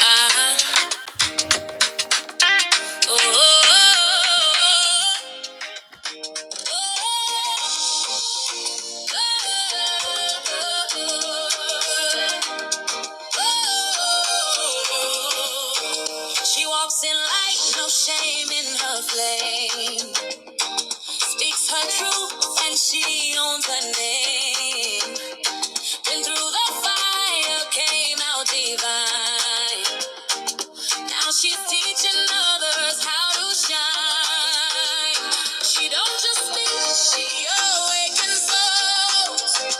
Uh-huh. Oh, oh, oh, oh. oh. She walks in light, no shame in her flame. Speaks her truth, and she owns her name. And through the fire, came out divine. Now she's teaching others how to shine. She don't just speak, she awakens souls.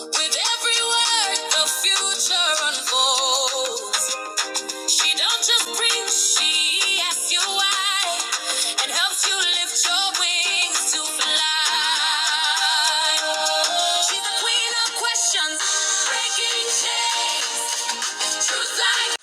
With every word, the future unfolds. She don't just preach, she asks you why and helps you lift your wings to fly. She's the queen of questions, breaking chains, truth like.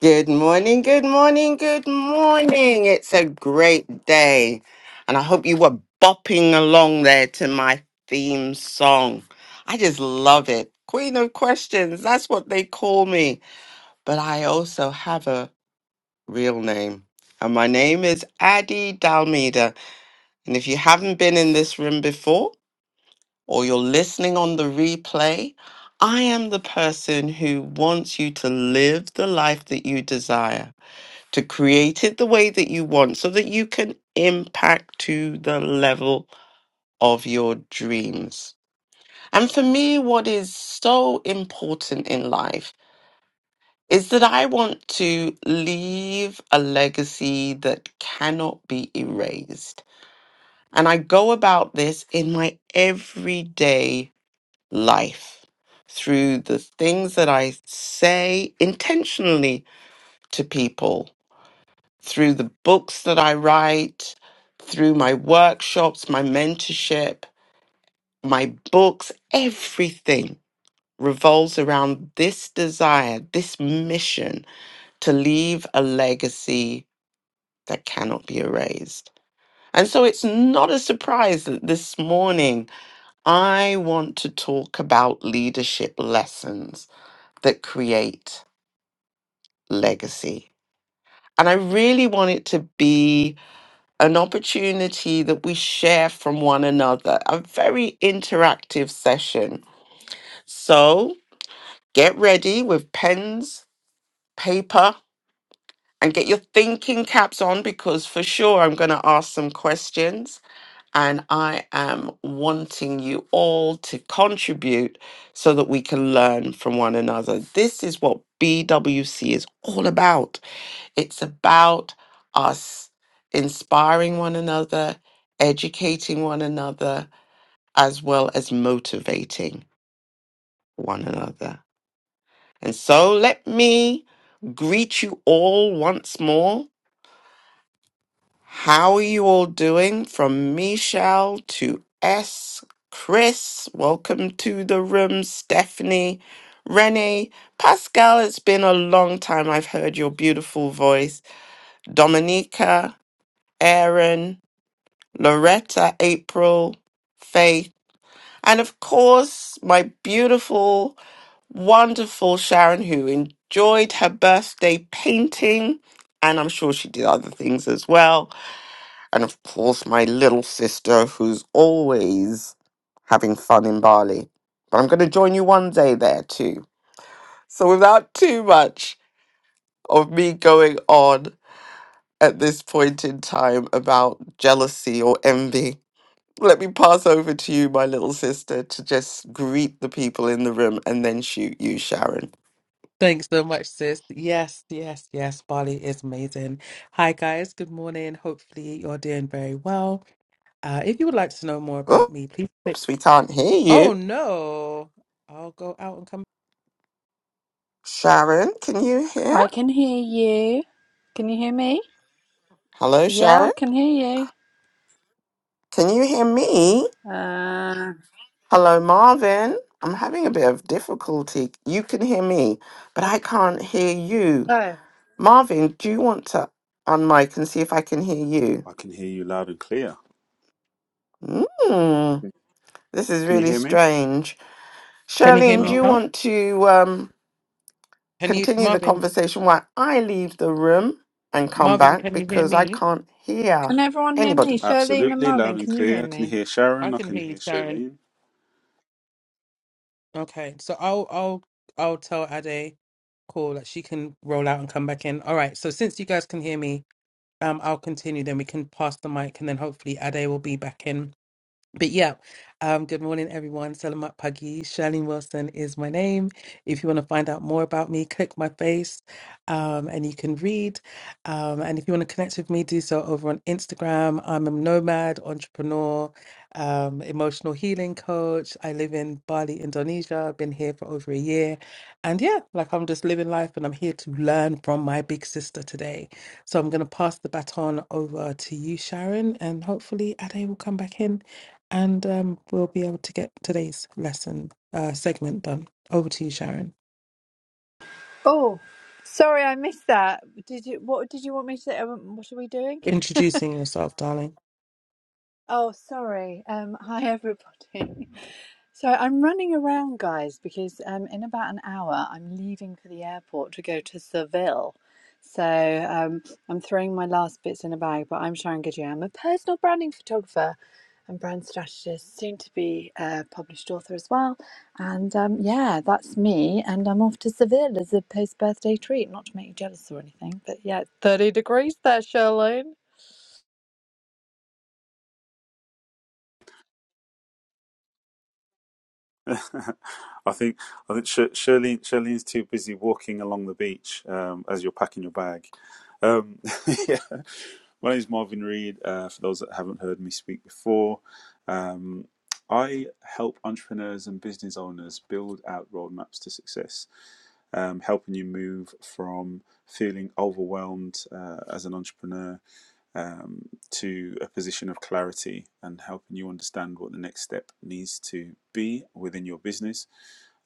Good morning, good morning, good morning. It's a great day. And I hope you were bopping along there to my theme song. I just love it. Queen of questions, that's what they call me. But I also have a real name. And my name is Addie Dalmida. And if you haven't been in this room before, or you're listening on the replay, I am the person who wants you to live the life that you desire, to create it the way that you want so that you can impact to the level of your dreams. And for me, what is so important in life is that I want to leave a legacy that cannot be erased. And I go about this in my everyday life through the things that I say intentionally to people, through the books that I write, through my workshops, my mentorship, my books, everything revolves around this desire, this mission to leave a legacy that cannot be erased. And so it's not a surprise that this morning I want to talk about leadership lessons that create legacy. And I really want it to be an opportunity that we share from one another, a very interactive session. So get ready with pens, paper, and get your thinking caps on because for sure I'm going to ask some questions. And I am wanting you all to contribute so that we can learn from one another. This is what BWC is all about It's about us inspiring one another, educating one another, as well as motivating one another. And so let me greet you all once more. How are you all doing? From Michelle to S, Chris, welcome to the room, Stephanie, Renee, Pascal, it's been a long time I've heard your beautiful voice, Dominica, Aaron, Loretta, April, Faith, and of course, my beautiful, wonderful Sharon, who enjoyed her birthday painting. And I'm sure she did other things as well. And of course, my little sister, who's always having fun in Bali. But I'm going to join you one day there too. So, without too much of me going on at this point in time about jealousy or envy, Let me pass over to you, my little sister, to just greet the people in the room and then shoot you, Sharon. Thanks so much, sis. Yes, yes, yes. Bali is amazing. Hi, guys. Good morning. Hopefully, you're doing very well. Uh, if you would like to know more about Oops, me, please click. we can't hear you. Oh, no. I'll go out and come. Sharon, can you hear? I can hear you. Can you hear me? Hello, Yeah, I Sharon. can hear Can you hear me? you. Uh, Hello, Marvin. I'm having a bit of difficulty. You can hear me, but I can't hear you. oh, Marvin, do you want to unmic and see if I can hear you? I can hear you loud and clear. Mm, this is Can you really hear me? strange. Can you hear Charlene, do me you No. now? want to? um, Can you, continue the Marvin? conversation while I leave the room and come Marvin, back can you hear because I me? can't hear can everyone hear me? anybody. Charlene and Absolutely loud Marvin, and can you hear clear. I can me? hear I Sharon. I can can hear you, hear Sharon. Charlene. Okay, so I'll, I'll, I'll tell Ade, cool, that she can roll out and come back in. All right. So since you guys can hear me, um, I'll continue. Then we can pass the mic, and then hopefully Ade will be back in But yeah, um, good morning, everyone. Selamat pagi. Charlene Wilson is my name. If you want to find out more about me, click my face um, and you can read. Um, and if you want to connect with me, do so over on Instagram. I'm a nomad, entrepreneur, um, emotional healing coach. I live in Bali, Indonesia. I've been here for over a year. And yeah, like I'm just living life and I'm here to learn from my big sister today. So I'm going to pass the baton over to you, Sharon, and hopefully Ade will come back in and um, we'll be able to get today's lesson uh, segment done. Over to you, Sharon. Oh, sorry, I missed that. Did you? What did you want me to say? Um, What are we doing? Introducing yourself, darling. Oh, sorry. Um, hi everybody. So I'm running around, guys, because um, in about an hour I'm leaving for the airport to go to Seville. So um, I'm throwing my last bits in a bag, but I'm Sharon Goodyear. I'm a personal branding photographer and brand strategist, soon to be a published author as well. And um, yeah, that's me. And I'm off to Seville as a post birthday treat, not to make you jealous or anything. But yeah, it's 30 degrees there, Charlene. I think I think Shirley Shirley's too busy walking along the beach um, as you're packing your bag. Um, yeah. My name is Marvin Reed. Uh, for those that haven't heard me speak before, um, I help entrepreneurs and business owners build out roadmaps to success, um, helping you move from feeling overwhelmed uh, as an entrepreneur um, to a position of clarity and helping you understand what the next step needs to be within your business,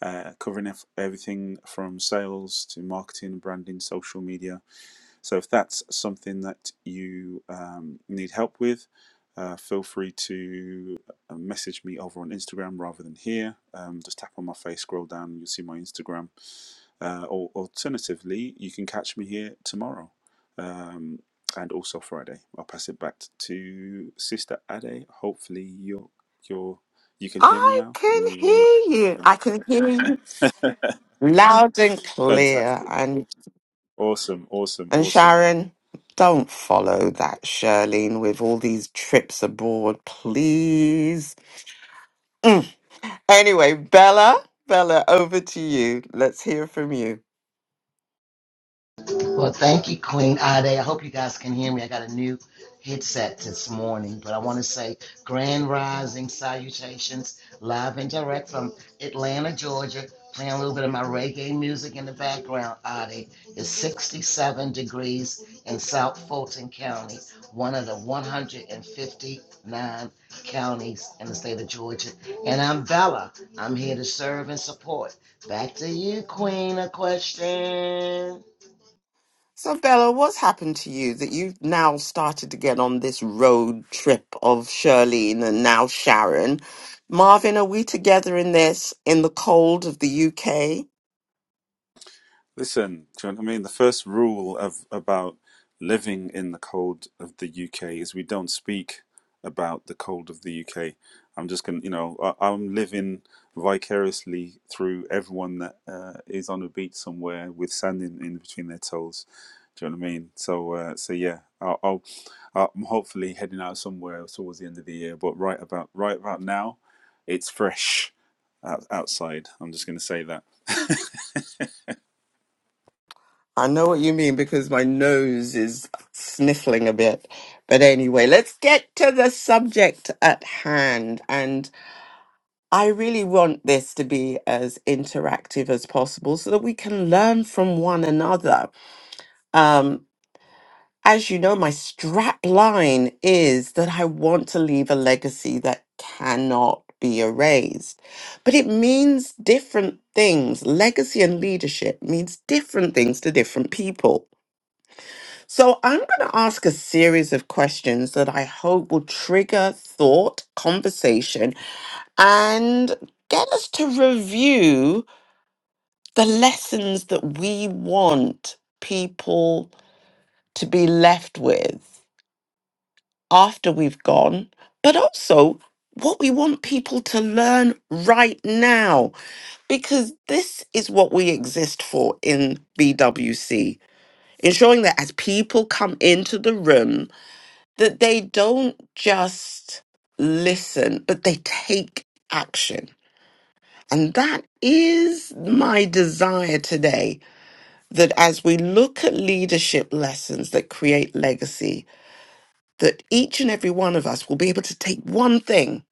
uh, covering everything from sales to marketing, branding, social media, so if that's something that you um, need help with, uh, feel free to uh, message me over on Instagram rather than here. Um, just tap on my face, scroll down, and you'll see my Instagram. Uh, or alternatively, you can catch me here tomorrow um, and also Friday. I'll pass it back to Sister Ade. Hopefully, you're, you're, you can hear me I now can and you all hear you. I can hear you loud and clear. fantastic. And Awesome, awesome, and awesome. Sharon, don't follow that Shirlene with all these trips abroad, please. Mm. Anyway, Bella, Bella, over to you. Let's hear from you. Well, thank you, Queen Ade. I hope you guys can hear me. I got a new headset this morning, but I want to say grand rising salutations, live and direct from Atlanta, Georgia. Playing a little bit of my reggae music in the background, Ade. It's 67 degrees in South Fulton County, one of the 159 counties in the state of Georgia. And I'm Bella. I'm here to serve and support. Back to you, Queen. A question. So, Bella, what's happened to you that you've now started to get on this road trip of Shirlene and now Sharon? Marvin, are we together in this in the cold of the UK? Listen, do you know what I mean? The first rule of about living in the cold of the UK is we don't speak about the cold of the UK. I'm just gonna, you know, I, I'm living vicariously through everyone that uh, is on a beach somewhere with sand in, in between their toes. Do you know what I mean? So, uh, so yeah, I'll, I'll, I'm hopefully heading out somewhere towards the end of the year. But right about right about now, it's fresh out, outside. I'm just gonna say that. I know what you mean because my nose is sniffling a bit. But anyway, let's get to the subject at hand. And I really want this to be as interactive as possible so that we can learn from one another. Um. as you know, my strap line is that I want to leave a legacy that cannot be erased. But it means different things. Legacy and leadership means different things to different people. So I'm going to ask a series of questions that I hope will trigger thought, conversation, and get us to review the lessons that we want people to be left with. after we've gone, but also what we want people to learn right now, because this is what we exist for in BWC. Ensuring that as people come into the room, that they don't just listen, but they take action. And that is my desire today that as we look at leadership lessons that create legacy, that each and every one of us will be able to take one thing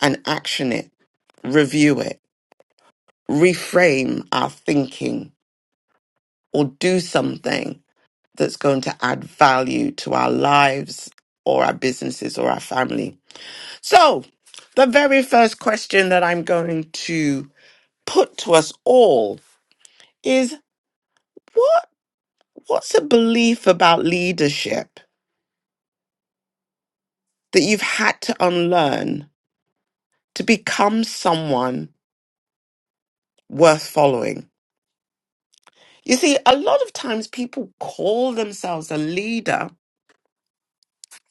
and action it, review it, reframe our thinking, or do something that's going to add value to our lives or our businesses or our family. So, the very first question that I'm going to put to us all is what what's a belief about leadership that you've had to unlearn to become someone worth following? You see, a lot of times people call themselves a leader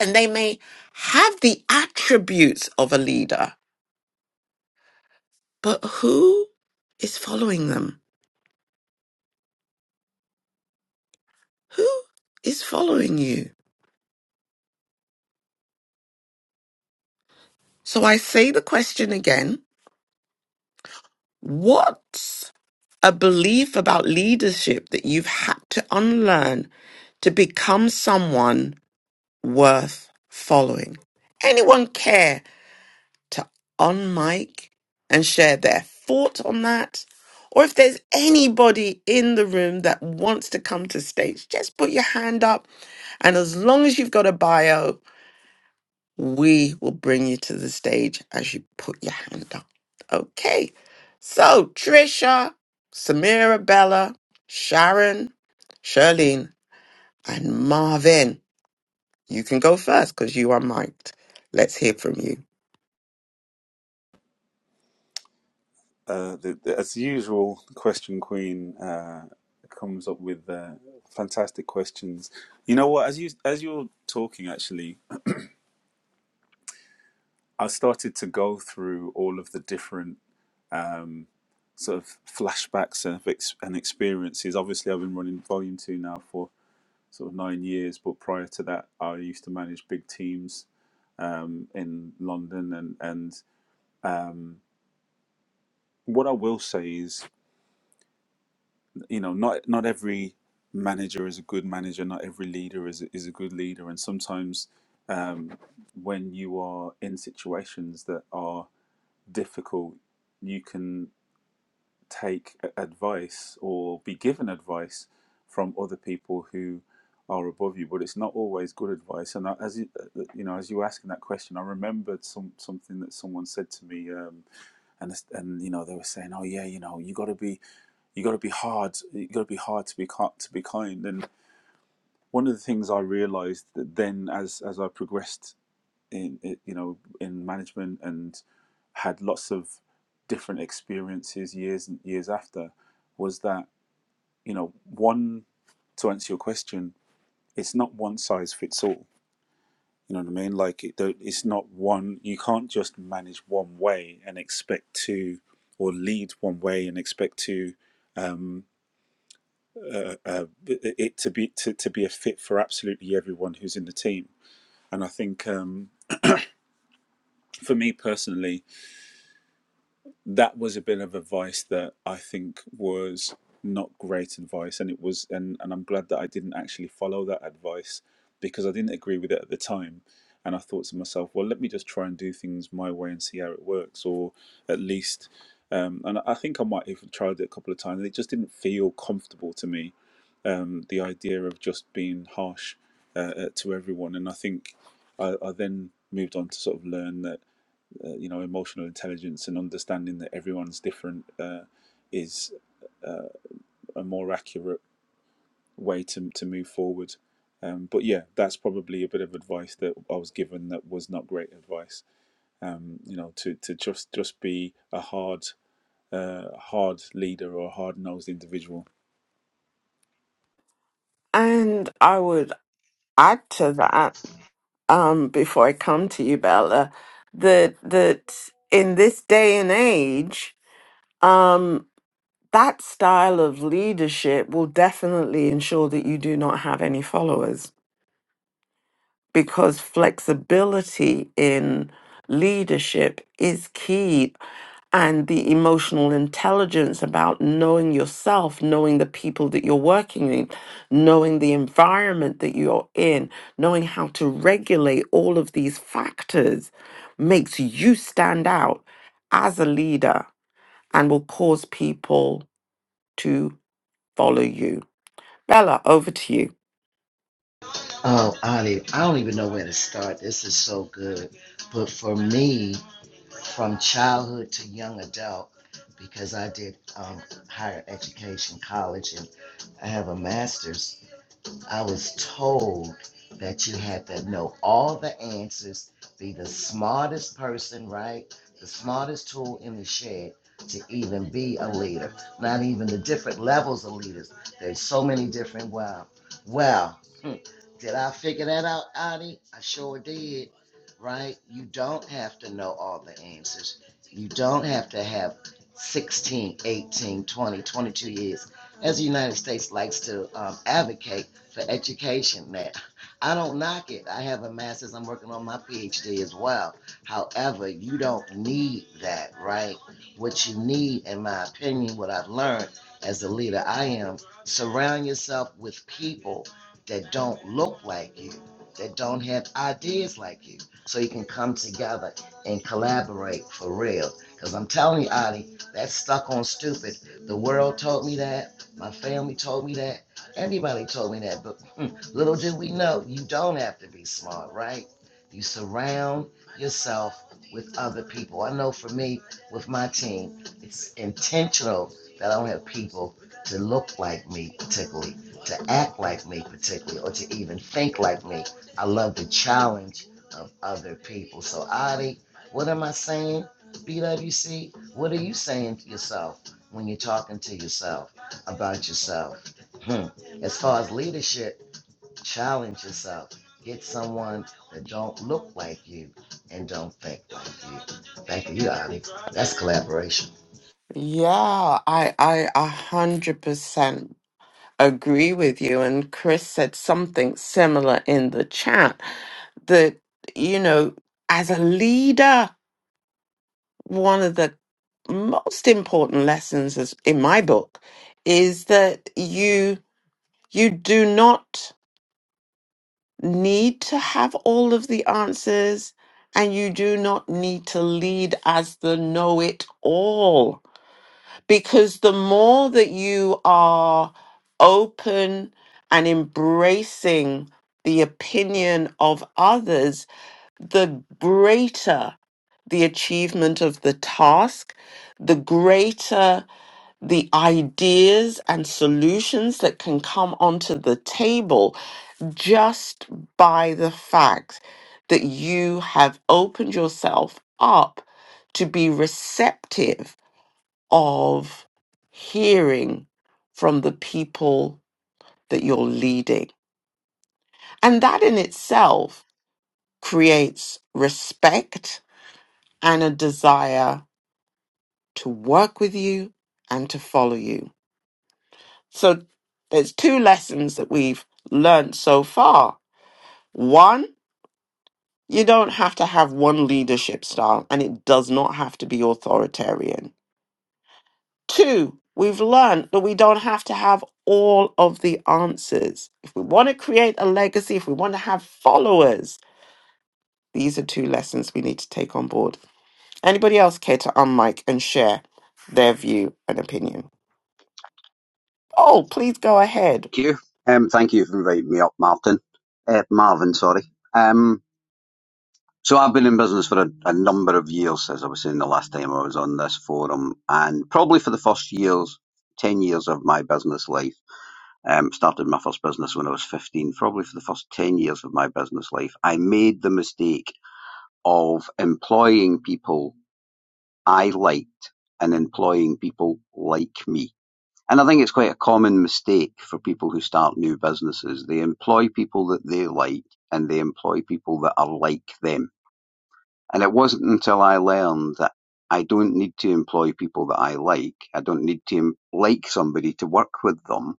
and they may have the attributes of a leader, but who is following them? Who is following you? So I say the question again What's a belief about leadership that you've had to unlearn to become someone worth following? Anyone care to unmic and share their thoughts on that. Or if there's anybody in the room that wants to come to stage, just put your hand up. And as long as you've got a bio, we will bring you to the stage as you put your hand up. Okay. So, Trisha, Samira, Bella, Sharon, Charlene, and Marvin, you can go first because you are mic'd. Let's hear from you. Uh, the, the, as usual, the Question Queen uh, comes up with uh, fantastic questions. You know what? As you as you were talking, actually, I started to go through all of the different sort of flashbacks and, ex- and experiences. Obviously, I've been running Volume Two now for sort of nine years, but prior to that, I used to manage big teams um, in London, and and um, what I will say is you know not not every manager is a good manager not every leader is a, is a good leader and sometimes um, when you are in situations that are difficult you can take a- advice or be given advice from other people who are above you but it's not always good advice and I- as you, uh, you know as you were asking that question i remembered some something that someone said to me Um, and and you know they were saying, oh yeah, you know you got to be you got to be hard, you got to be hard to be to be kind. And one of the things I realised that then as as I progressed in you know in management and had lots of different experiences years and years after was that you know one to answer your question, it's not one size fits all. You know what I mean? Like it, it's not one. You can't just manage one way and expect to, or lead one way and expect to uh, uh, it to be to, to be a fit for absolutely everyone who's in the team. And I think um, for me personally, that was a bit of advice that I think was not great advice, and it was and and I'm glad that I didn't actually follow that advice because I didn't agree with it at the time. And I thought to myself, well, let me just try and do things my way and see how it works, or at least. Um, and I think I might have tried it a couple of times. It just didn't feel comfortable to me um, the idea of just being harsh uh, uh, to everyone. And I think I, I then moved on to sort of learn that uh, you know emotional intelligence and understanding that everyone's different uh, is a more accurate way to to move forward. Um, but yeah, that's probably a bit of advice that I was given that was not great advice. You know, to, to just just be a hard uh, hard leader or a hard nosed individual. And I would add to that. um, before I come to you, Bella, that that in this day and age, um, that style of leadership will definitely ensure that you do not have any followers because flexibility in leadership is key and the emotional intelligence about knowing yourself, knowing the people that you're working in, knowing the environment that you're in, knowing how to regulate all of these factors makes you stand out as a leader and will cause people to follow you. Bella, over to you. Oh, I don't, even, I don't even know where to start. This is so good. But for me, from childhood to young adult, because I did um, higher education, college, and I have a master's, I was told that you had to know all the answers, be the smartest person, right? The smartest tool in the shed to even be a leader. Not even the different levels of leaders. There's so many different. Wow. Well, hmm, did I figure that out, Adi? I sure did, right? You don't have to know all the answers. You don't have to have 16, 18, 20, 22 years. As the United States likes to um, advocate, for education there. I don't knock it. I have a master's. I'm working on my PhD as well. However, you don't need that, right? What you need, in my opinion, what I've learned as the leader I am, surround yourself with people that don't look like you, that don't have ideas like you, so you can come together and collaborate for real. Because I'm telling you, Adi, that's stuck on stupid. The world told me that. My family told me that Everybody told me that, but little did we know, you don't have to be smart, right? You surround yourself with other people. I know for me, with my team, it's intentional that I don't have people to look like me particularly, to act like me particularly, or to even think like me. I love the challenge of other people. So, Adi, what am I saying? BWC, what are you saying to yourself when you're talking to yourself about yourself? Hmm as far as leadership, challenge yourself. Get someone that don't look like you and don't think like you. Thank you, Ani. That's collaboration. Yeah, I I a hundred percent agree with you. And Chris said something similar in the chat that, you know, as a leader, one of the most important lessons is, in my book is that you you do not need to have all of the answers and you do not need to lead as the know it all because the more that you are open and embracing the opinion of others, the greater the achievement of the task, the greater the ideas and solutions that can come onto the table just by the fact that you have opened yourself up to be receptive of hearing from the people that you're leading. And that in itself creates respect and a desire to work with you and to follow you. So there's two lessons that we've learned so far. One, you don't have to have one leadership style and it does not have to be authoritarian Two, we've learned that we don't have to have all of the answers. If we want to create a legacy, if we want to have followers, these are two lessons we need to take on board. Anybody else care to unmic and share their view and opinion? Oh, please go ahead. Thank you. Um, thank you for inviting me up, Martin. Uh, Marvin, sorry. Um, so I've been in business for a, a number of years, as I was saying the last time I was on this forum, and probably for the first years, 10 years of my business life, um, started my first business when I was 15, probably for the first 10 years of my business life, I made the mistake of employing people I liked and employing people like me. And I think it's quite a common mistake for people who start new businesses. They employ people that they like and they employ people that are like them. And it wasn't until I learned that I don't need to employ people that I like. I don't need to like somebody to work with them.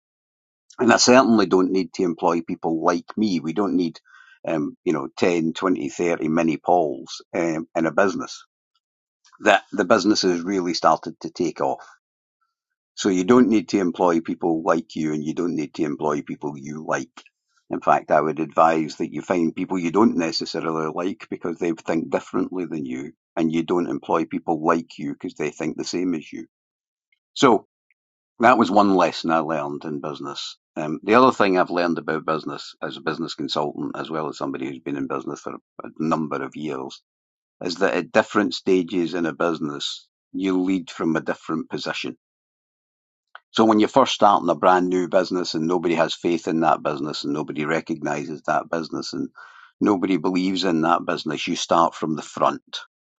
And I certainly don't need to employ people like me. We don't need, um, you know, 10, 20, 30 mini Pauls um, in a business. That the business has really started to take off. So you don't need to employ people like you and you don't need to employ people you like. In fact, I would advise that you find people you don't necessarily like because they think differently than you and you don't employ people like you because they think the same as you. So that was one lesson I learned in business. Um, the other thing I've learned about business as a business consultant, as well as somebody who's been in business for a number of years, is that at different stages in a business, you lead from a different position so when you're first starting a brand new business and nobody has faith in that business and nobody recognizes that business and nobody believes in that business, you start from the front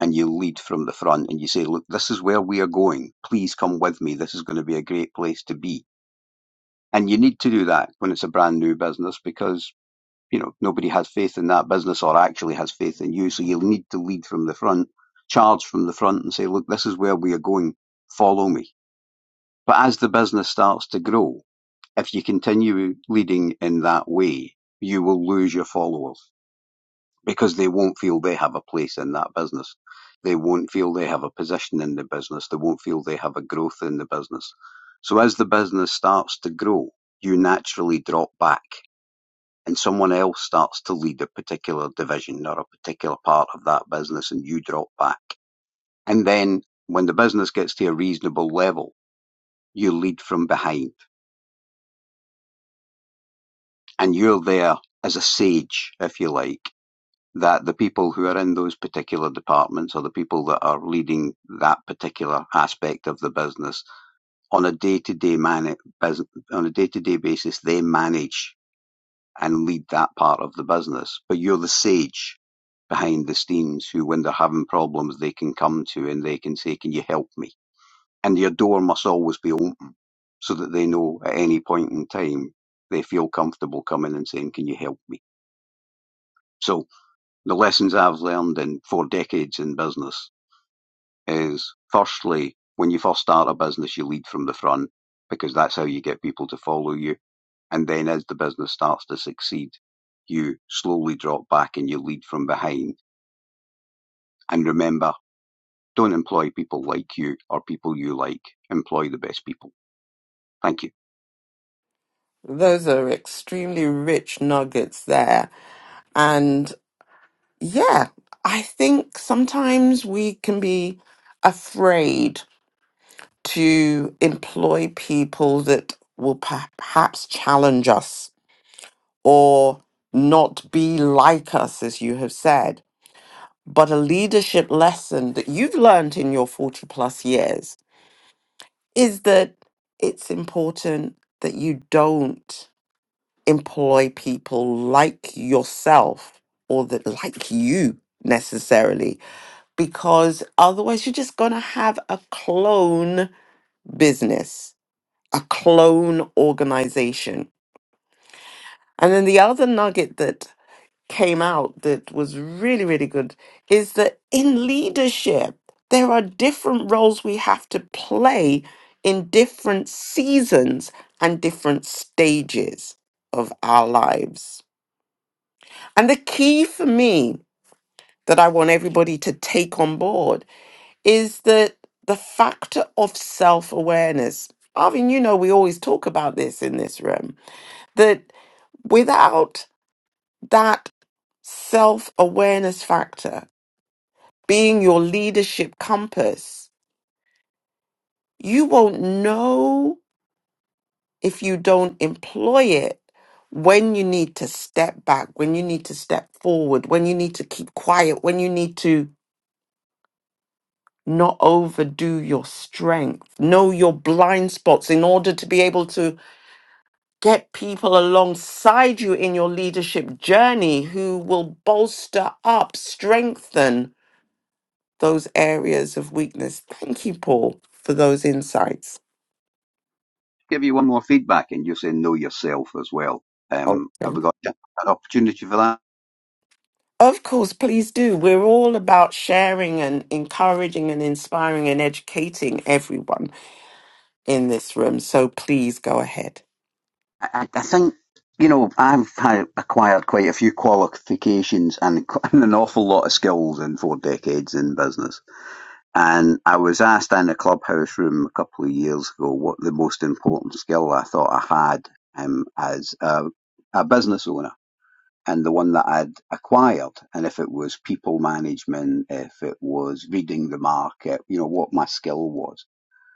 and you lead from the front and you say, look, this is where we are going. Please come with me. This is going to be a great place to be. And you need to do that when it's a brand new business because, you know, nobody has faith in that business or actually has faith in you. So you need to lead from the front, charge from the front and say, look, this is where we are going. Follow me. But as the business starts to grow, if you continue leading in that way, you will lose your followers because they won't feel they have a place in that business. They won't feel they have a position in the business. They won't feel they have a growth in the business. So as the business starts to grow, you naturally drop back and someone else starts to lead a particular division or a particular part of that business and you drop back. And then when the business gets to a reasonable level, you lead from behind and you're there as a sage, if you like, that the people who are in those particular departments or the people that are leading that particular aspect of the business on a day-to-day man- on a day-to-day basis they manage and lead that part of the business but you're the sage behind the scenes who when they're having problems they can come to and they can say can you help me and your door must always be open so that they know at any point in time they feel comfortable coming and saying can you help me so the lessons I've learned in four decades in business is firstly, when you first start a business, you lead from the front because that's how you get people to follow you. And then as the business starts to succeed, you slowly drop back and you lead from behind. And remember, don't employ people like you or people you like. Employ the best people. Thank you. Those are extremely rich nuggets there. And yeah, I think sometimes we can be afraid to employ people that will perhaps challenge us or not be like us, as you have said. But a leadership lesson that you've learned in your 40 plus years is that it's important that you don't employ people like yourself or that like you necessarily, because otherwise you're just going to have a clone business a clone organization. And then the other nugget that came out that was really, really good is that in leadership, there are different roles we have to play in different seasons and different stages of our lives. And the key for me that I want everybody to take on board is that the factor of self awareness. Arvin, you know, we always talk about this in this room that. without that self awareness factor being your leadership compass, you won't know if you don't employ it when you need to step back, when you need to step forward, when you need to keep quiet, when you need to not overdo your strength, know your blind spots in order to be able to get people alongside you in your leadership journey who will bolster up, strengthen those areas of weakness. Thank you, Paul, for those insights. Give you one more feedback and you say know yourself as well. Um, have Okay. we got an opportunity for that? Of course, please do. We're all about sharing and encouraging and inspiring and educating everyone in this room. So please go ahead. I, I think you know I've had acquired quite a few qualifications and, and an awful lot of skills in four decades in business. And I was asked in a clubhouse room a couple of years ago what the most important skill I thought I had um, as a, a business owner. And the one that I'd acquired, and if it was people management, if it was reading the market, you know, what my skill was.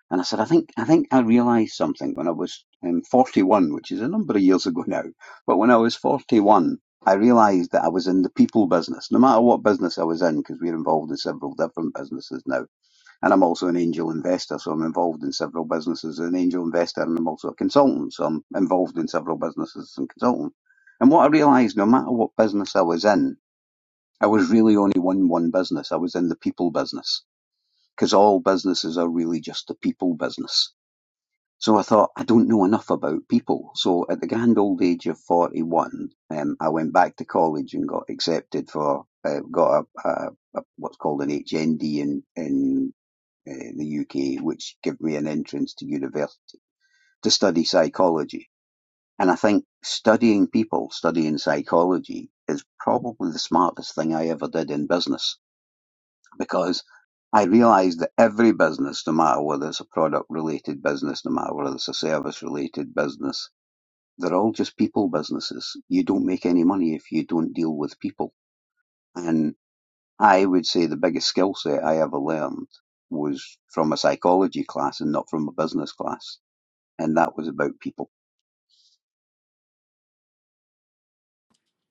And I said, I think I think I realised something when I was um, 41, which is a number of years ago now. But when I was 41, I realised that I was in the people business, no matter what business I was in, because we're involved in several different businesses now. And I'm also an angel investor, so I'm involved in several businesses as an angel investor, and I'm also a consultant, so I'm involved in several businesses as a consultant. And what I realised, no matter what business I was in, I was really only one one business. I was in the people business, because all businesses are really just the people business so I thought, I don't know enough about people. So at the grand old age of 41, um, I went back to college and got accepted for, uh, got a, a, a, what's called an HND in, in uh, the UK, which gave me an entrance to university to study psychology. And I think studying people, studying psychology is probably the smartest thing I ever did in business because I realised that every business, no matter whether it's a product related business, no matter whether it's a service related business, they're all just people businesses. You don't make any money if you don't deal with people. And I would say the biggest skill set I ever learned was from a psychology class and not from a business class. And that was about people.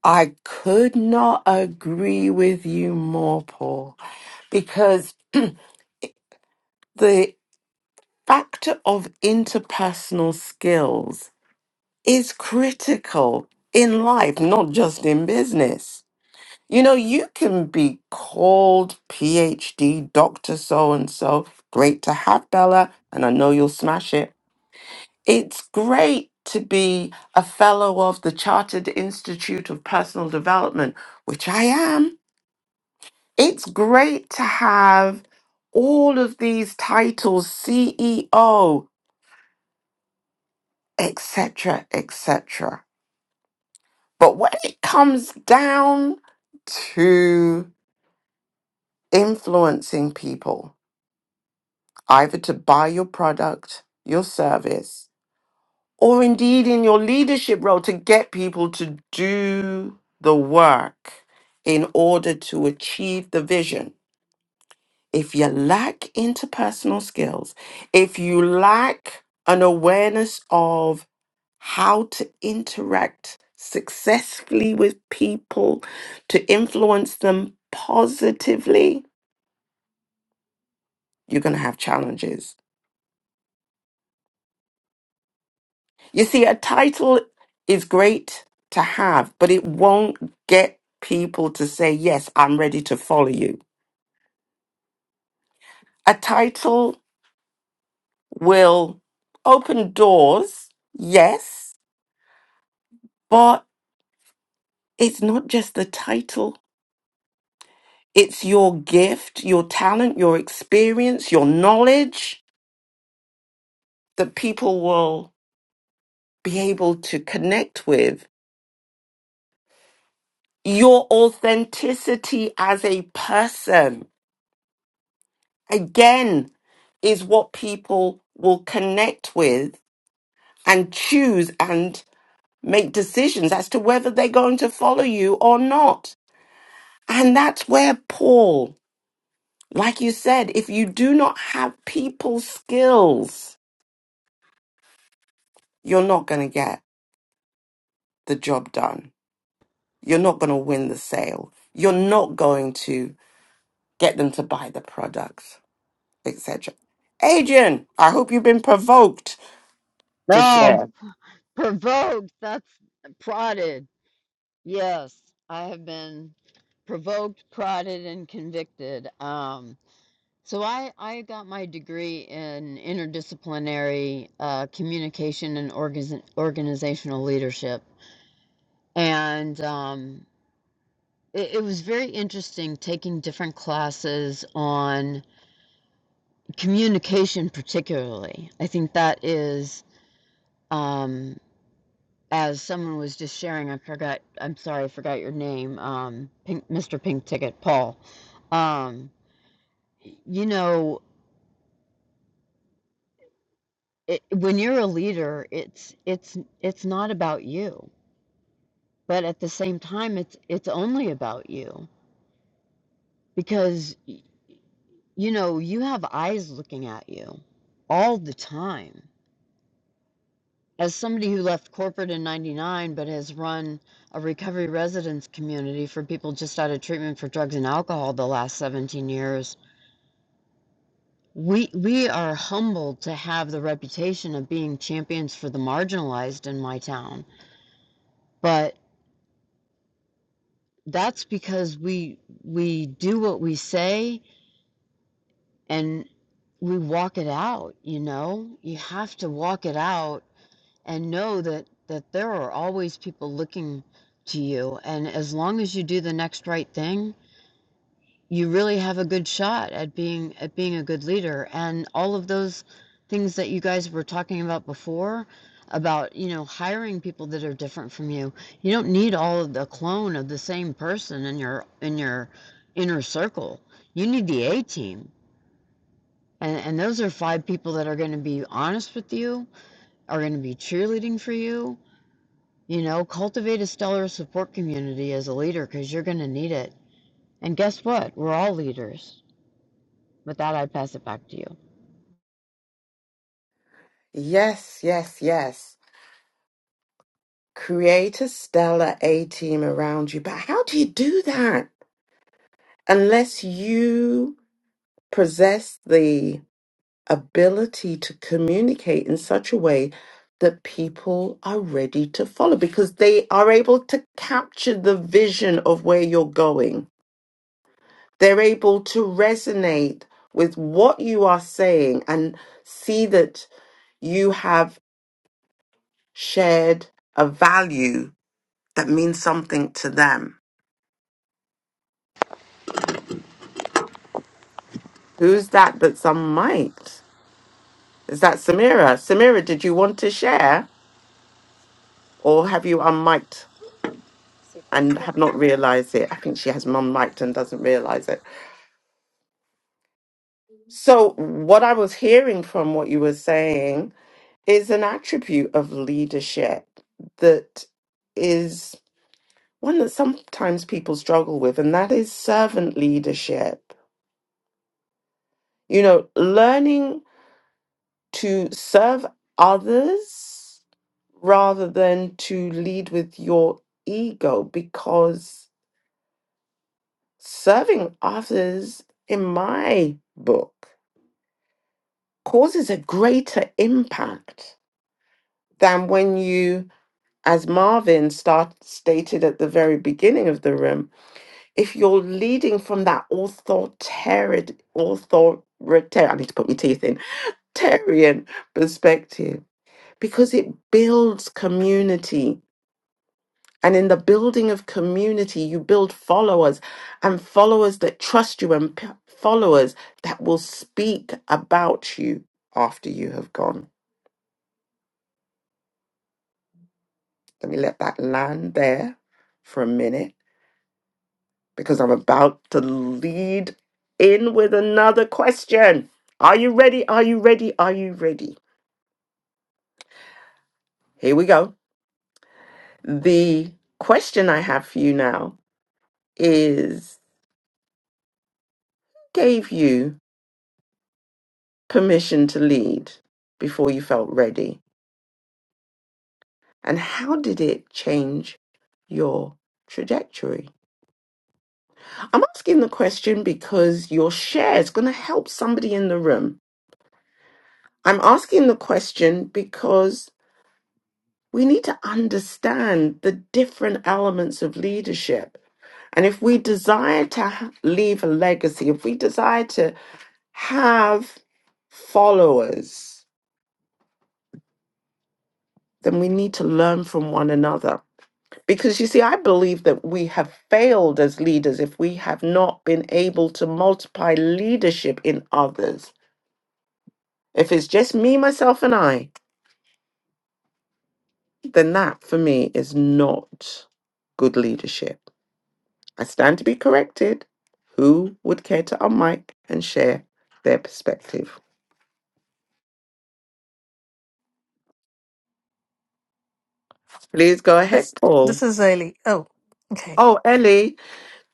I could not agree with you more, Paul, because the factor of interpersonal skills is critical in life, not just in business You know, you can be called PhD, Dr. So and so. Great to have Bella, and I know you'll smash it. It's great to be a fellow of the Chartered Institute of Personal Development, which I am. It's great to have all of these titles, CEO, etc., etc. But when it comes down to influencing people, either to buy your product, your service, or indeed in your leadership role to get people to do the work in order to achieve the vision. If you lack interpersonal skills, if you lack an awareness of how to interact successfully with people, to influence them positively, you're going to have challenges You see, a title is great to have, but it won't get people to say, Yes, I'm ready to follow you. A title will open doors, yes, but it's not just the title, it's your gift, your talent, your experience, your knowledge that people will be able to connect with, your authenticity as a person again is what people will connect with and choose and make decisions as to whether they're going to follow you or not. And that's where Paul, like you said, if you do not have people skills, you're not going to get the job done. You're not going to win the sale. You're not going to get them to buy the products, etc. Adrian, I hope you've been provoked to No, share. provoked. That's prodded. Yes, I have been provoked, prodded, and convicted. Um, so I I got my degree in interdisciplinary uh, communication and organiz- organizational leadership, and um, it, it was very interesting taking different classes on communication, particularly. I think that is. Um, as someone was just sharing, I forgot. I'm sorry, I forgot your name. Um, Pink, Mr. Pink Ticket, Paul. Um, you know, it, when you're a leader, it's it's it's not about you, but at the same time, it's it's only about you because y- you know you have eyes looking at you all the time. As somebody who left corporate in '99 but has run a recovery residence community for people just out of treatment for drugs and alcohol the last 17 years, We we are humbled to have the reputation of being champions for the marginalized in my town, but that's because we we do what we say and we walk it out, you know? You have to walk it out and know that that there are always people looking to you and as long as you do the next right thing, you really have a good shot at being at being a good leader and all of those things that you guys were talking about before about you know hiring people that are different from you you don't need all of the clone of the same person in your in your inner circle you need the a team and and those are five people that are going to be honest with you are going to be cheerleading for you you know cultivate a stellar support community as a leader because you're going to need it and guess what we're all leaders With that, I pass it back to you. Yes, yes, yes. create a stellar A team around you. But how do you do that unless you possess the ability to communicate in such a way that people are ready to follow because they are able to capture the vision of where you're going? They're able to resonate with what you are saying and see that you have shared a value that means something to them Who's that that's unmiked? Is that Samira? Samira, did you want to share or have you unmiked C'est quoi ce and have not bordel realized it? I think she has unmiked and doesn't realize it. So, what I was hearing from what you were saying is an attribute of leadership that is one that sometimes people struggle with, and that is servant leadership. You know, learning to serve others rather than to lead with your ego because serving others in my book causes a greater impact than when you as Marvin start, stated at the very beginning of the room, if you're leading from that authoritarian, authoritarian, I need to put my teeth in, tarian perspective, because it builds community And in the building of community, you build followers and followers that trust you and p- followers that will speak about you after you have gone. Let me let that land there for a minute because I'm about to lead in with another question. Are you ready? Are you ready? Are you ready? Here we go. The question I have for you now is gave you permission to lead before you felt ready And how did it change your trajectory? I'm asking the question because your share is going to help somebody in the room. I'm asking the question because we need to understand the different elements of leadership. And if we desire to ha- leave a legacy, if we desire to have followers, then we need to learn from one another. Because you see, I believe that we have failed as leaders if we have not been able to multiply leadership in others. If it's just me, myself, and I, then that for me is not good leadership. I stand to be corrected. Who would care to unmic and share their perspective? Please go This ahead, this Paul. is early. Oh, okay, Oh, Ellie.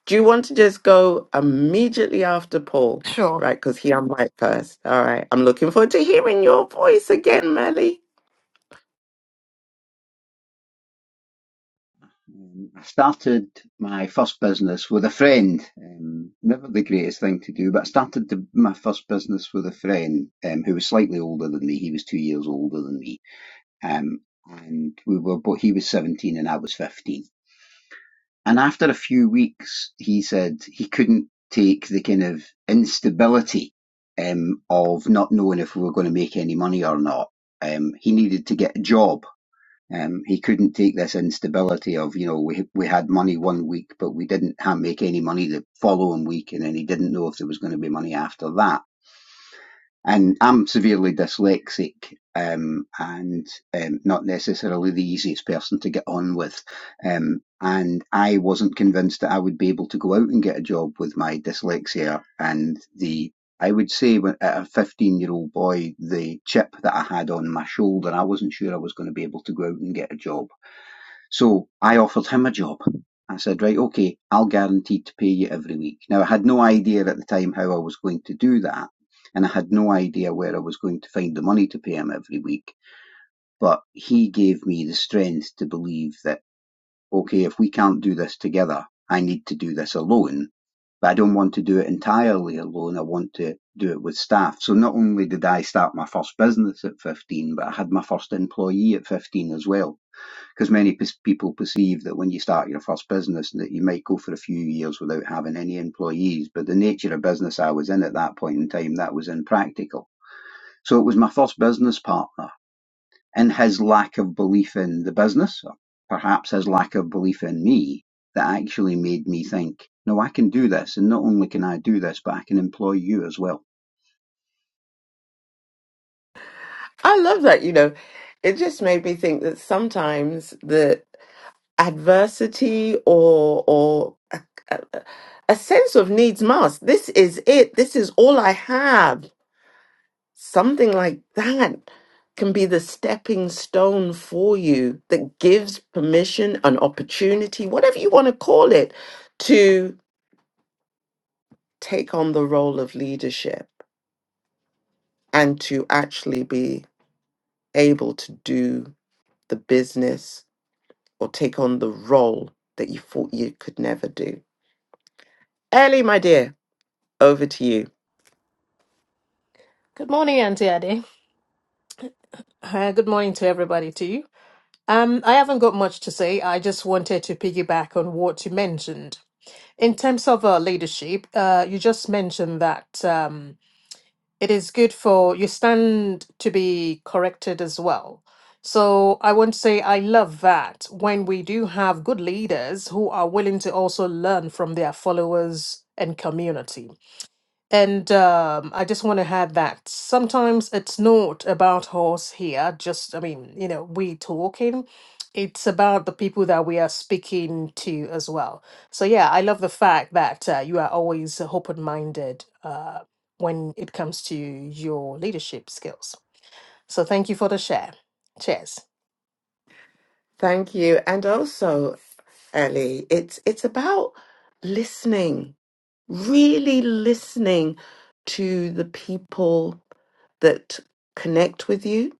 Do you want to just go immediately after Paul? sure. Right, because he unmiked first. All right. I'm looking forward to hearing your voice again, Melly. Um, I started my first business with a friend. Um, never the greatest thing to do, but I started the, my first business with a friend um, who was slightly older than me. He was two years older than me, um, and we were. But he was seventeen and I was fifteen. And after a few weeks, he said he couldn't take the kind of instability um, of not knowing if we were going to make any money or not. Um, he needed to get a job um, he couldn't take this instability of you know we we had money one week but we didn't ha make any money the following week and then he didn't know if there was going to be money after that. And I'm severely dyslexic um, and um, not necessarily the easiest person to get on with. Um, and I wasn't convinced that I would be able to go out and get a job with my dyslexia and the I would say when, at a 15 year old boy, the chip that I had on my shoulder, I wasn't sure I was going to be able to go out and get a job so I offered him a job. I said, right, okay, I'll guarantee to pay you every week. Now, I had no idea at the time how I was going to do that, and I had no idea where I was going to find the money to pay him every week. But he gave me the strength to believe that, okay, if we can't do this together, I need to do this alone. But I don't want to do it entirely alone. I want to do it with staff. So not only did I start my first business at 15, but I had my first employee at 15 as well because many pers- people perceive that when you start your first business that you might go for a few years without having any employees but the nature of business i was in at that point in time that was impractical so it was my first business partner and his lack of belief in the business or perhaps his lack of belief in me that actually made me think no i can do this and not only can i do this but i can employ you as well I love that, you know. It just made me think that sometimes the adversity or or a, a, a sense of needs must. This is it. This is all I have Something like that can be the stepping stone for you that gives permission, an opportunity, whatever you want to call it, to take on the role of leadership and to actually be able to do the business or take on the role that you thought you could never do. Ellie, my dear, over to you. Good morning, Auntie Ade. Uh, good morning to everybody to you. Um, I haven't got much to say. I just wanted to piggyback on what you mentioned in terms of uh, leadership. Uh, you just mentioned that um, it is good for you stand to be corrected as well. So I want to say I love that when we do have good leaders who are willing to also learn from their followers and community And um, I just want to add that sometimes it's not about us here, just, I mean, you know, we talking. It's about the people that we are speaking to as well. So, yeah, I love the fact that uh, you are always open minded uh, when it comes to your leadership skills. So, thank you for the share. Cheers. Thank you. And also, Ellie, it's it's about listening really listening to the people that connect with you.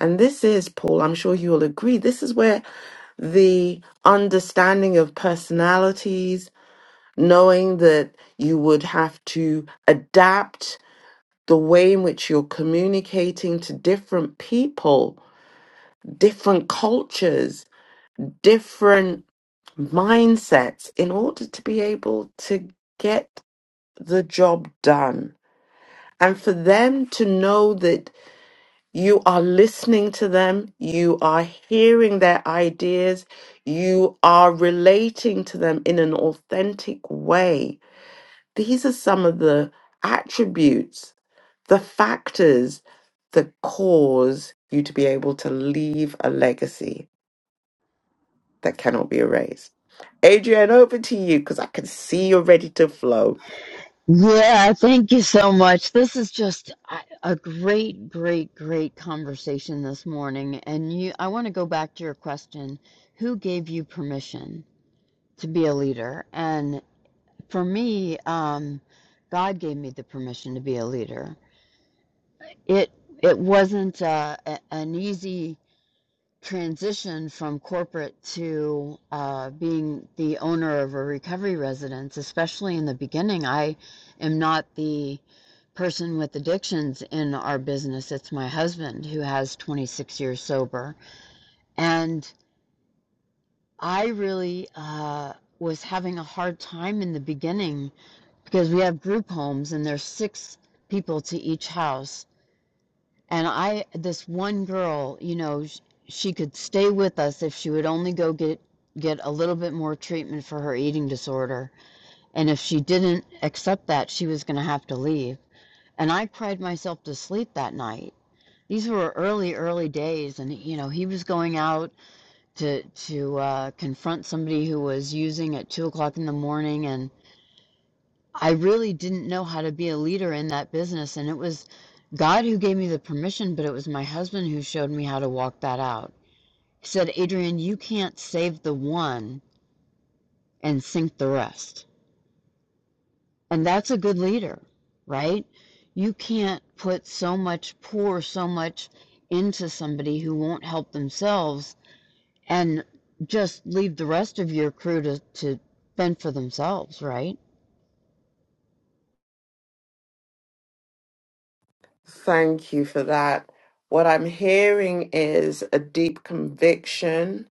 And this is, Paul, I'm sure you'll agree, this is where the understanding of personalities, knowing that you would have to adapt the way in which you're communicating to different people, different cultures, different mindsets in order to be able to get the job done and for them to know that you are listening to them, you are hearing their ideas, you are relating to them in an authentic way. These are some of the attributes, the factors that cause you to be able to leave a legacy that cannot be erased. Adrian, over to you because I can see you're ready to flow. Yeah, thank you so much. This is just a a great, great, great conversation this morning. And you, I want to go back to your question. Who gave you permission to be a leader? And for me, um, God gave me the permission to be a leader. It it wasn't uh, a, an easy transition from corporate to uh, being the owner of a recovery residence, especially in the beginning, I am not the person with addictions in our business. It's my husband who has 26 years sober. And I really uh, was having a hard time in the beginning because we have group homes and there's six people to each house. And I, this one girl, you know, sh- she could stay with us if she would only go get get a little bit more treatment for her eating disorder. And if she didn't accept that, she was going to have to leave. And I cried myself to sleep that night. These were early, early days, and you know he was going out to to uh, confront somebody who was using at two o'clock in the morning, and I really didn't know how to be a leader in that business, and it was God who gave me the permission, but it was my husband who showed me how to walk that out. He said, Adrian, you can't save the one and sink the rest. And that's a good leader, right? You can't put so much, pour so much into somebody who won't help themselves and just leave the rest of your crew to, to fend for themselves, right? Thank you for that. What I'm hearing is a deep conviction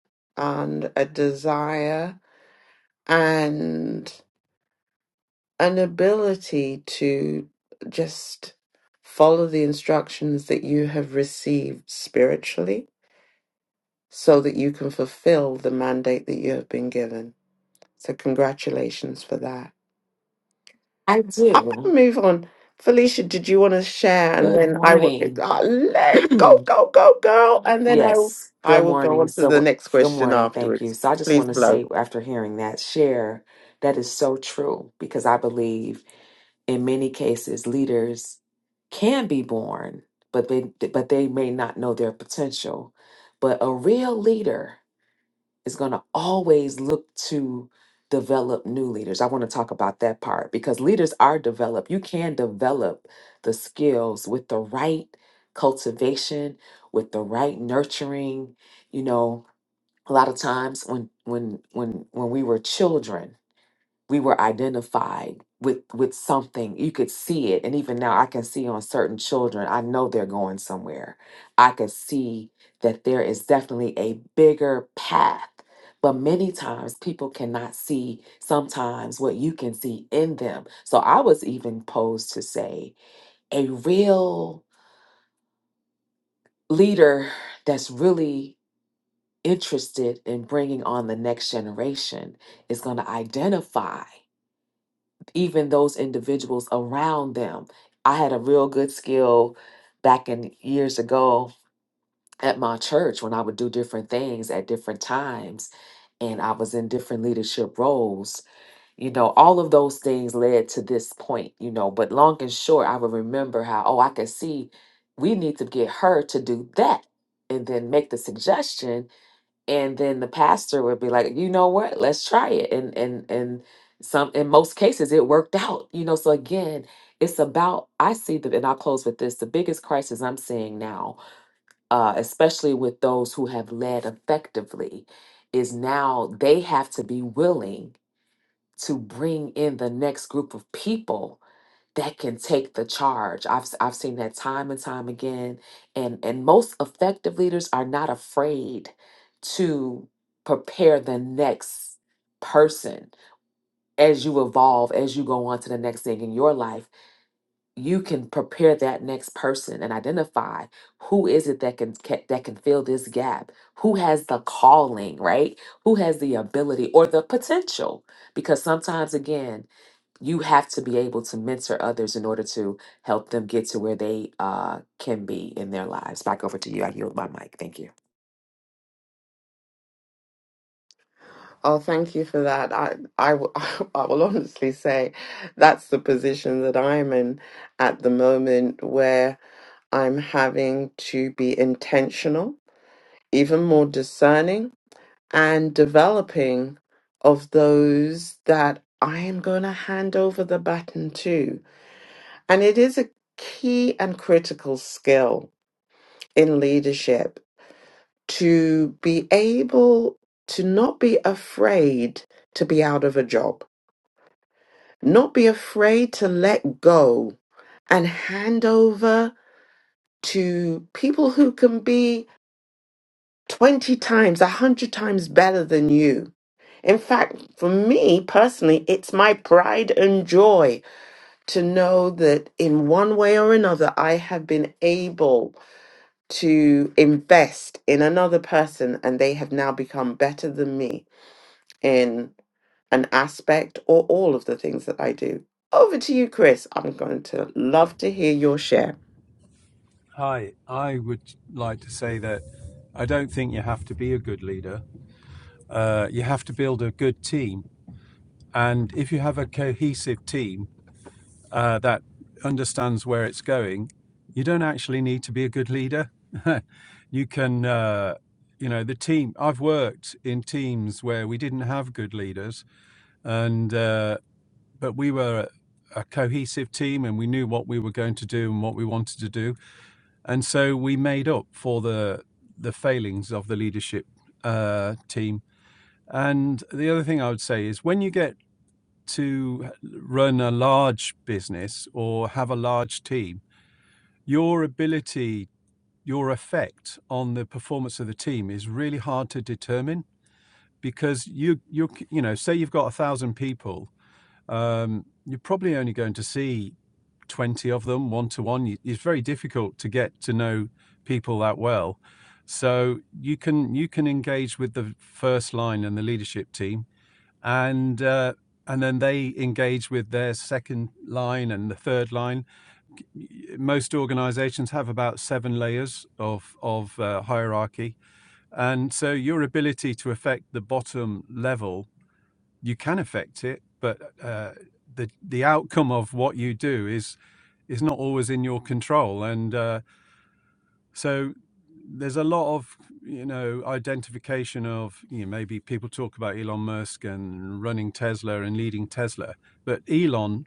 and a desire. And an ability to just follow the instructions that you have received spiritually so that you can fulfill the mandate that you have been given. So, congratulations for that. I I'm do. going to move on. Felicia, did you want to share? And Good then I will morning. uh, let go, go, go, girl. And then I will, yes, I good will go morning. on to the So, next good question morning. Thank you. afterwards. So, I just Please, want to flow. say, after hearing that share, that is so true because I believe in many cases leaders can be born, but they but they may not know their potential. But a real leader. is going to always look to develop new leaders. I want to talk about that part because leaders are developed. You can develop the skills with the right cultivation, with the right nurturing. You know, a lot of times when when when when we were children, we were identified with with something you could see it and even now i can see on certain children i know they're going somewhere i can see that there is definitely a bigger path but many times people cannot see sometimes what you can see in them so i was even posed to say a real leader that's really interested in bringing on the next generation is going to identify even those individuals around them. I had a real good skill back in years ago at my church when I would do different things at different times and I was in different leadership roles. You know, all of those things led to this point, you know, but long and short, I would remember how, oh, I can see we need to get her to do that and then make the suggestion and then the pastor would be like you know what let's try it and and and some in most cases it worked out you know so again it's about i see the and i'll close with this the biggest crisis i'm seeing now uh, especially with those who have led effectively is now they have to be willing to bring in the next group of people that can take the charge. I've s- I've seen that time and time again and and most effective leaders are not afraid to prepare the next person as you evolve as you go on to the next thing in your life you can prepare that next person and identify who is it that can ca- that can fill this gap who has the calling right who has the ability or the potential because sometimes again you have to be able to mentor others in order to help them get to where they uh, can be in their lives. Back over to you. I yield my mic. Thank you. Oh, thank you for that. I, I, w- I will honestly say that's the position that I'm in at the moment where I'm having to be intentional, even more discerning, and developing of those that I am going to hand over the baton to. And it is a key and critical skill in leadership to be able to not be afraid to be out of a job Not be afraid to let go and hand over to people who can be 20 times, 100 times better than you. In fact, for me personally, it's my pride and joy to know that in one way or another, I have been able to invest in another person and they have now become better than me in. an aspect or all of the things that I do. Over to you, Chris. I'm going to love to hear your share. Hi, I would like to say that I don't think you have to be a good leader. Uh, you have to build a good team. And if you have a cohesive team uh, that understands where it's going, you don't actually need to be a good leader. you can, uh, you know, the team. I've worked in teams where we didn't have good leaders, and uh, but we were a a cohesive team and we knew what we were going to do and what we wanted to do and so we made up for the the failings of the leadership uh, team. And the other thing I would say is when you get to run a large business or have a large team, your ability, your effect on the performance of the team is really hard to determine because you you you know say you've got a thousand people, um, you're probably only going to see 20 of them one to one it's very difficult to get to know people that well so you can you can engage with the first line and the leadership team and uh, and then they engage with their second line and the third line most organizations have about seven layers of of uh, hierarchy and so your ability to affect the bottom level you can affect it, but uh, the the outcome of what you do is is not always in your control, and uh, so there's a lot of you know identification of you know maybe people talk about Elon Musk and running Tesla and leading Tesla, but Elon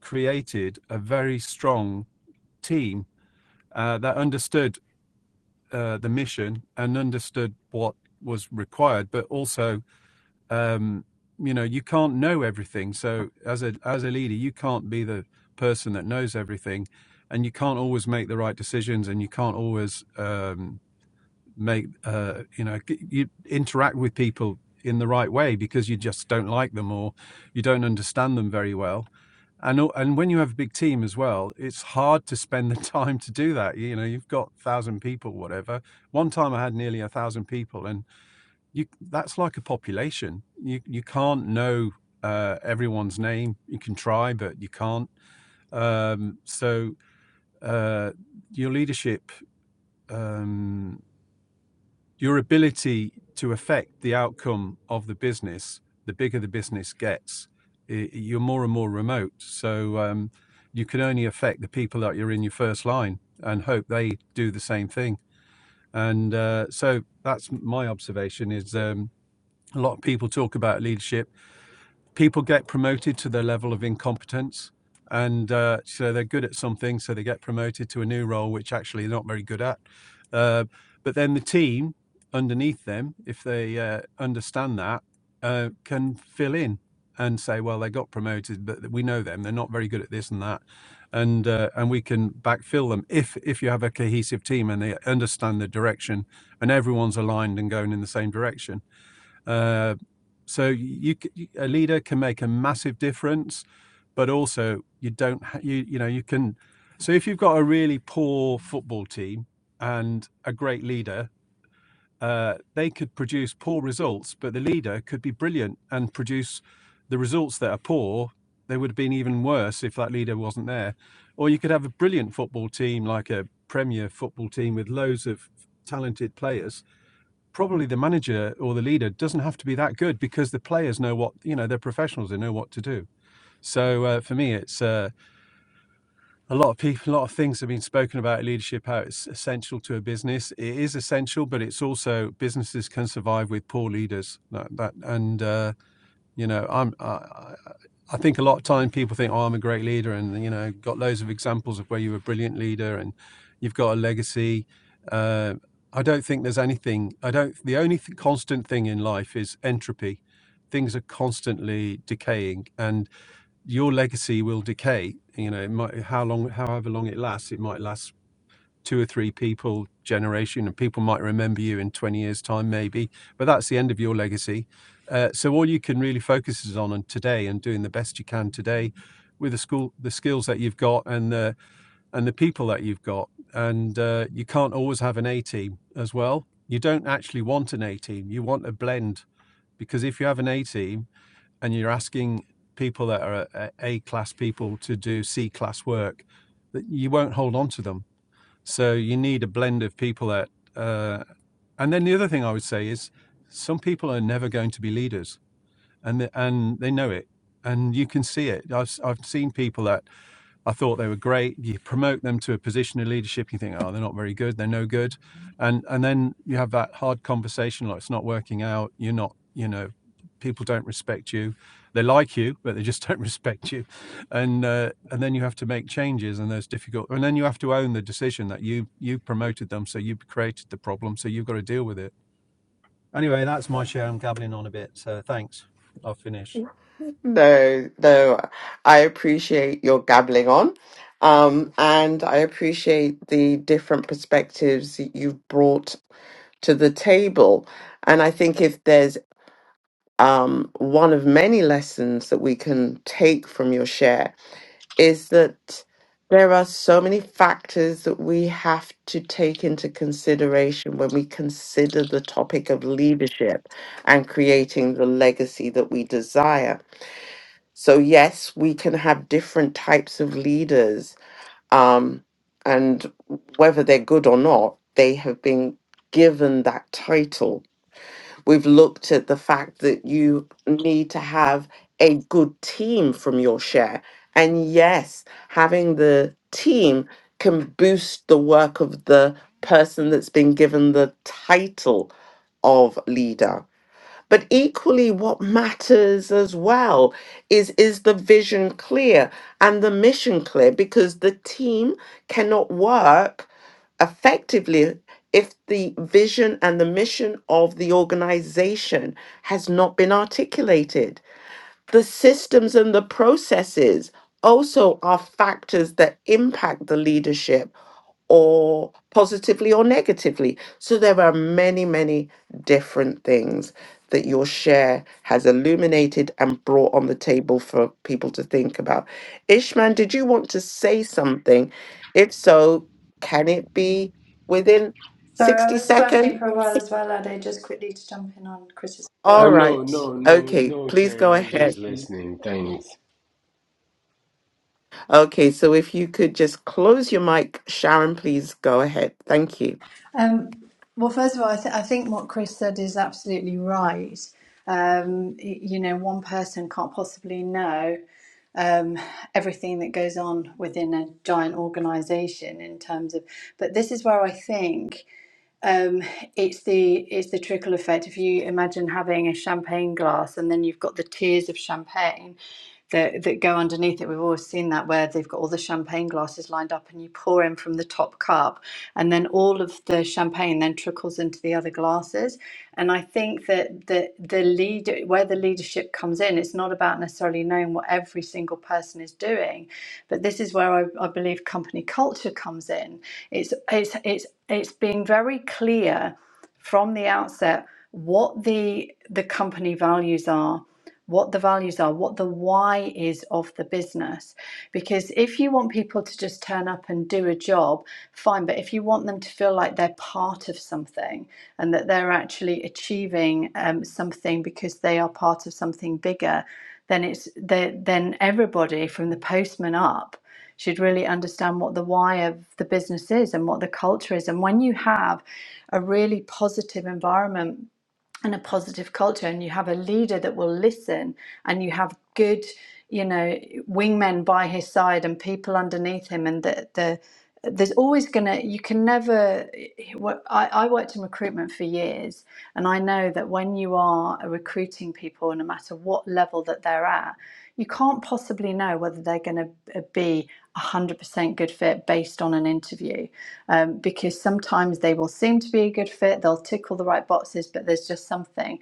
created a very strong team uh, that understood uh, the mission and understood what was required, but also um, you know you can't know everything so as a as a leader you can't be the person that knows everything and you can't always make the right decisions and you can't always um, make uh, you know you interact with people in the right way because you just don't like them or you don't understand them very well and and when you have a big team as well it's hard to spend the time to do that you know you've got 1000 people whatever one time i had nearly a 1000 people and you that's like a population. You you can't know uh, everyone's name. You can try, but you can't. Um, so uh, your leadership, um, your ability to affect the outcome of the business, the bigger the business gets, i you're more and more remote. So um, you can only affect the people that you're in your first line and hope they do the same thing. And uh, so that's my observation is um, a lot of people talk about leadership people get promoted to their level of incompetence. And uh, so they're good at something, so they get promoted to a new role, which actually they're not very good at. Uh, but then the team underneath them, if they uh, understand that, uh, can fill in and say, well, they got promoted, but we know them; they're not very good at this and that, and uh, and we can backfill them if if you have a cohesive team and they understand the direction and everyone's aligned and going in the same direction uh, so you, c- a leader can make a massive difference, but also you don't you you know you can. So if you've got a really poor football team and a great leader, uh, they could produce poor results, but the leader could be brilliant and produce the results that are poor. They would have been even worse if that leader wasn't there. Or you could have a brilliant football team, like a Premier football team with loads of talented players, probably the manager or the leader doesn't have to be that good because the players know what you know they're professionals they know what to do so uh, for me it's uh, a lot of people a lot of things have been spoken about leadership how it's essential to a business it is essential but it's also businesses can survive with poor leaders that, that and uh, you know, I'm I, I think a lot of time people think, oh, I'm a great leader, and you know, got loads of examples of where you were a brilliant leader and you've got a legacy. Uh, I don't think there's anything. I don't. The only th- constant thing in life is entropy. Things are constantly decaying, and your legacy will decay. You know, it might how long, however long it lasts, it might last two or three people generation and people might remember you in 20 years time maybe but that's the end of your legacy uh, so all you can really focus is on and today and doing the best you can today with the school the skills that you've got and the and the people that you've got and uh, you can't always have an a team as well you don't actually want an a team you want a blend because if you have an a team and you're asking people that are uh, a class people to do c class work that you won't hold on to them so you need a blend of people that, uh, and then the other thing I would say is some people are never going to be leaders and, the, and they know it and you can see it. I've, i I've seen people that I thought they were great. You promote them to a position of leadership, you think, oh, they're not very good, they're no good, and and then you have that hard conversation like it's not working out. You're not, you know, people don't respect you. They like you, but they just don't respect you, and uh, and then you have to make changes, and those difficult. And then you have to own the decision that you you promoted them, so you created the problem, so you've got to deal with it. Anyway, that's my share. I'm gabbling on a bit, so thanks. I'll finish. No, no, I appreciate your gabbling on. Um, and I appreciate the different perspectives that you've brought to the table. And I think if there's um, one of many lessons that we can take from your share is that there are so many factors that we have to take into consideration when we consider the topic of leadership and creating the legacy that we desire. So, yes, we can have different types of leaders, um, and whether they're good or not, they have been given that title We've looked at the fact that you need to have a good team from your share. And yes, having the team can boost the work of the person that's been given the title of leader. But equally, what matters as well is is the vision clear and the mission clear because the team cannot work effectively if the vision and the mission of the organization has not been articulated. The systems and the processes also are factors that impact the leadership or positively or negatively. So there are many, many different things that your share has illuminated and brought on the table for people to think about. Ishman, did you want to say something? If so, can it be within Sorry, I 60 was flashing seconds? for a while as well, Ade, just quickly to jump in on Chris's I All point. know, right. no, no, Okay, no, please Sharon. go I was ahead. just listening. Thanks. Okay, so if you could just close your mic, Sharon, please go ahead. Thank you. Um, well, first of all, I, th- I think what Chris said is absolutely right. Um, y- you know, one person can't possibly know um, everything that goes on within a giant organization in terms of, but this is where I think um, it's the it's the trickle effect. If you imagine having a champagne glass and then you've got the tiers of champagne, that that go underneath it. We've always seen that where they've got all the champagne glasses lined up, and you pour in from the top cup, and then all of the champagne then trickles into the other glasses. And I think that the the leader where the leadership comes in, it's not about necessarily knowing what every single person is doing, but this is where I, I believe company culture comes in. It's it's it's it's being very clear from the outset what the the company values are what the values are, what the why is of the business. Because if you want people to just turn up and do a job, fine. But if you want them to feel like they're part of something and that they're actually achieving um, something because they are part of something bigger, then it's the, then everybody from the postman up should really understand what the why of the business is and what the culture is. And when you have a really positive environment and a positive culture and you have a leader that will listen and you have good you know wingmen by his side and people underneath him and the the there's always gonna you can never I, I worked in recruitment for years and i know that when you are recruiting people no matter what level that they're at you can't possibly know whether they're going to be a 100% good fit based on an interview um, because sometimes they will seem to be a good fit, they'll tick all the right boxes, but there's just something.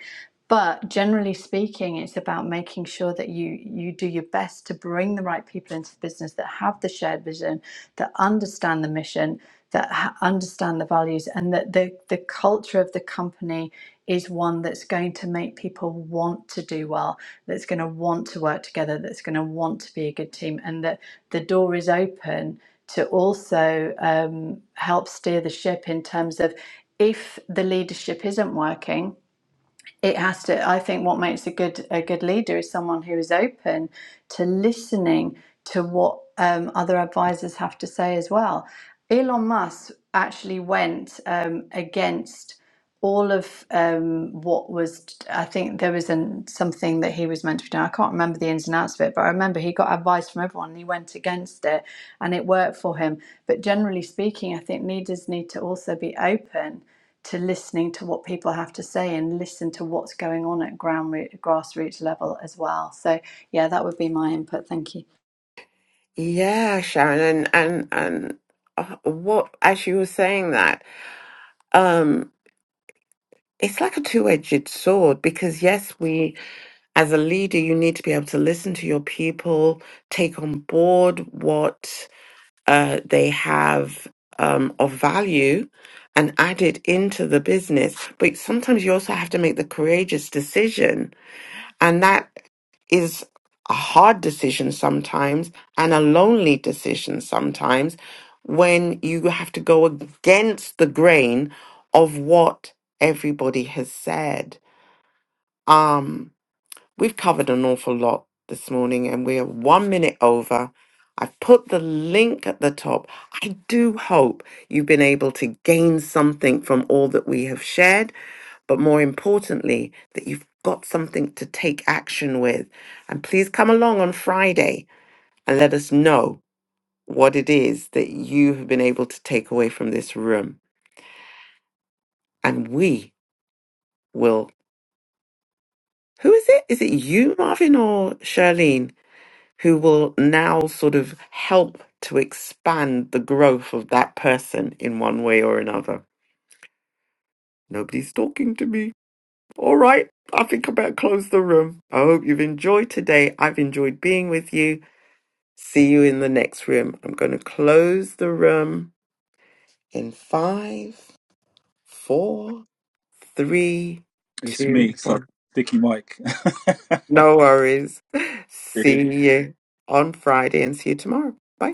But generally speaking, it's about making sure that you you do your best to bring the right people into the business that have the shared vision, that understand the mission, that ha- understand the values, and that the the culture of the company is one that's going to make people want to do well, that's going to want to work together, that's going to want to be a good team, and that the door is open to also um, help steer the ship in terms of if the leadership isn't working, it has to. I think what makes a good a good leader is someone who is open to listening to what um, other advisors have to say as well. Elon Musk actually went um, against all of um, what was I think there was an, something that he was meant to be doing. I can't remember the ins and outs of it, but I remember he got advice from everyone and he went against it and it worked for him. But generally speaking, I think leaders need to also be open to listening to what people have to say and listen to what's going on at ground root, grassroots level as well. So yeah, that would be my input. Thank you. Yeah, Sharon, and and and uh, what as you were saying that, um, it's like a two-edged sword because yes, we as a leader, you need to be able to listen to your people, take on board what uh, they have um, of value, and add it into the business. But sometimes you also have to make the courageous decision and that is a hard decision sometimes and a lonely decision sometimes when you have to go against the grain of what everybody has said. Um, We've covered an awful lot this morning and we are one minute over. I've put the link at the top. I do hope you've been able to gain something from all that we have shared, but more importantly, that you've got something to take action with. And please come along on Friday and let us know what it is that you have been able to take away from this room. And we will. Who is it? Is it you, Marvin, or Charlene? who will now sort of help to expand the growth of that person in one way or another. Nobody's talking to me. All right, I think I better close the room. I hope you've enjoyed today. I've enjoyed being with you. See you in the next room. I'm going to close the room in five, four, three, It's two, me, sorry, one. Sticky Mike. No worries. Good. See you on Friday and see you tomorrow. Bye.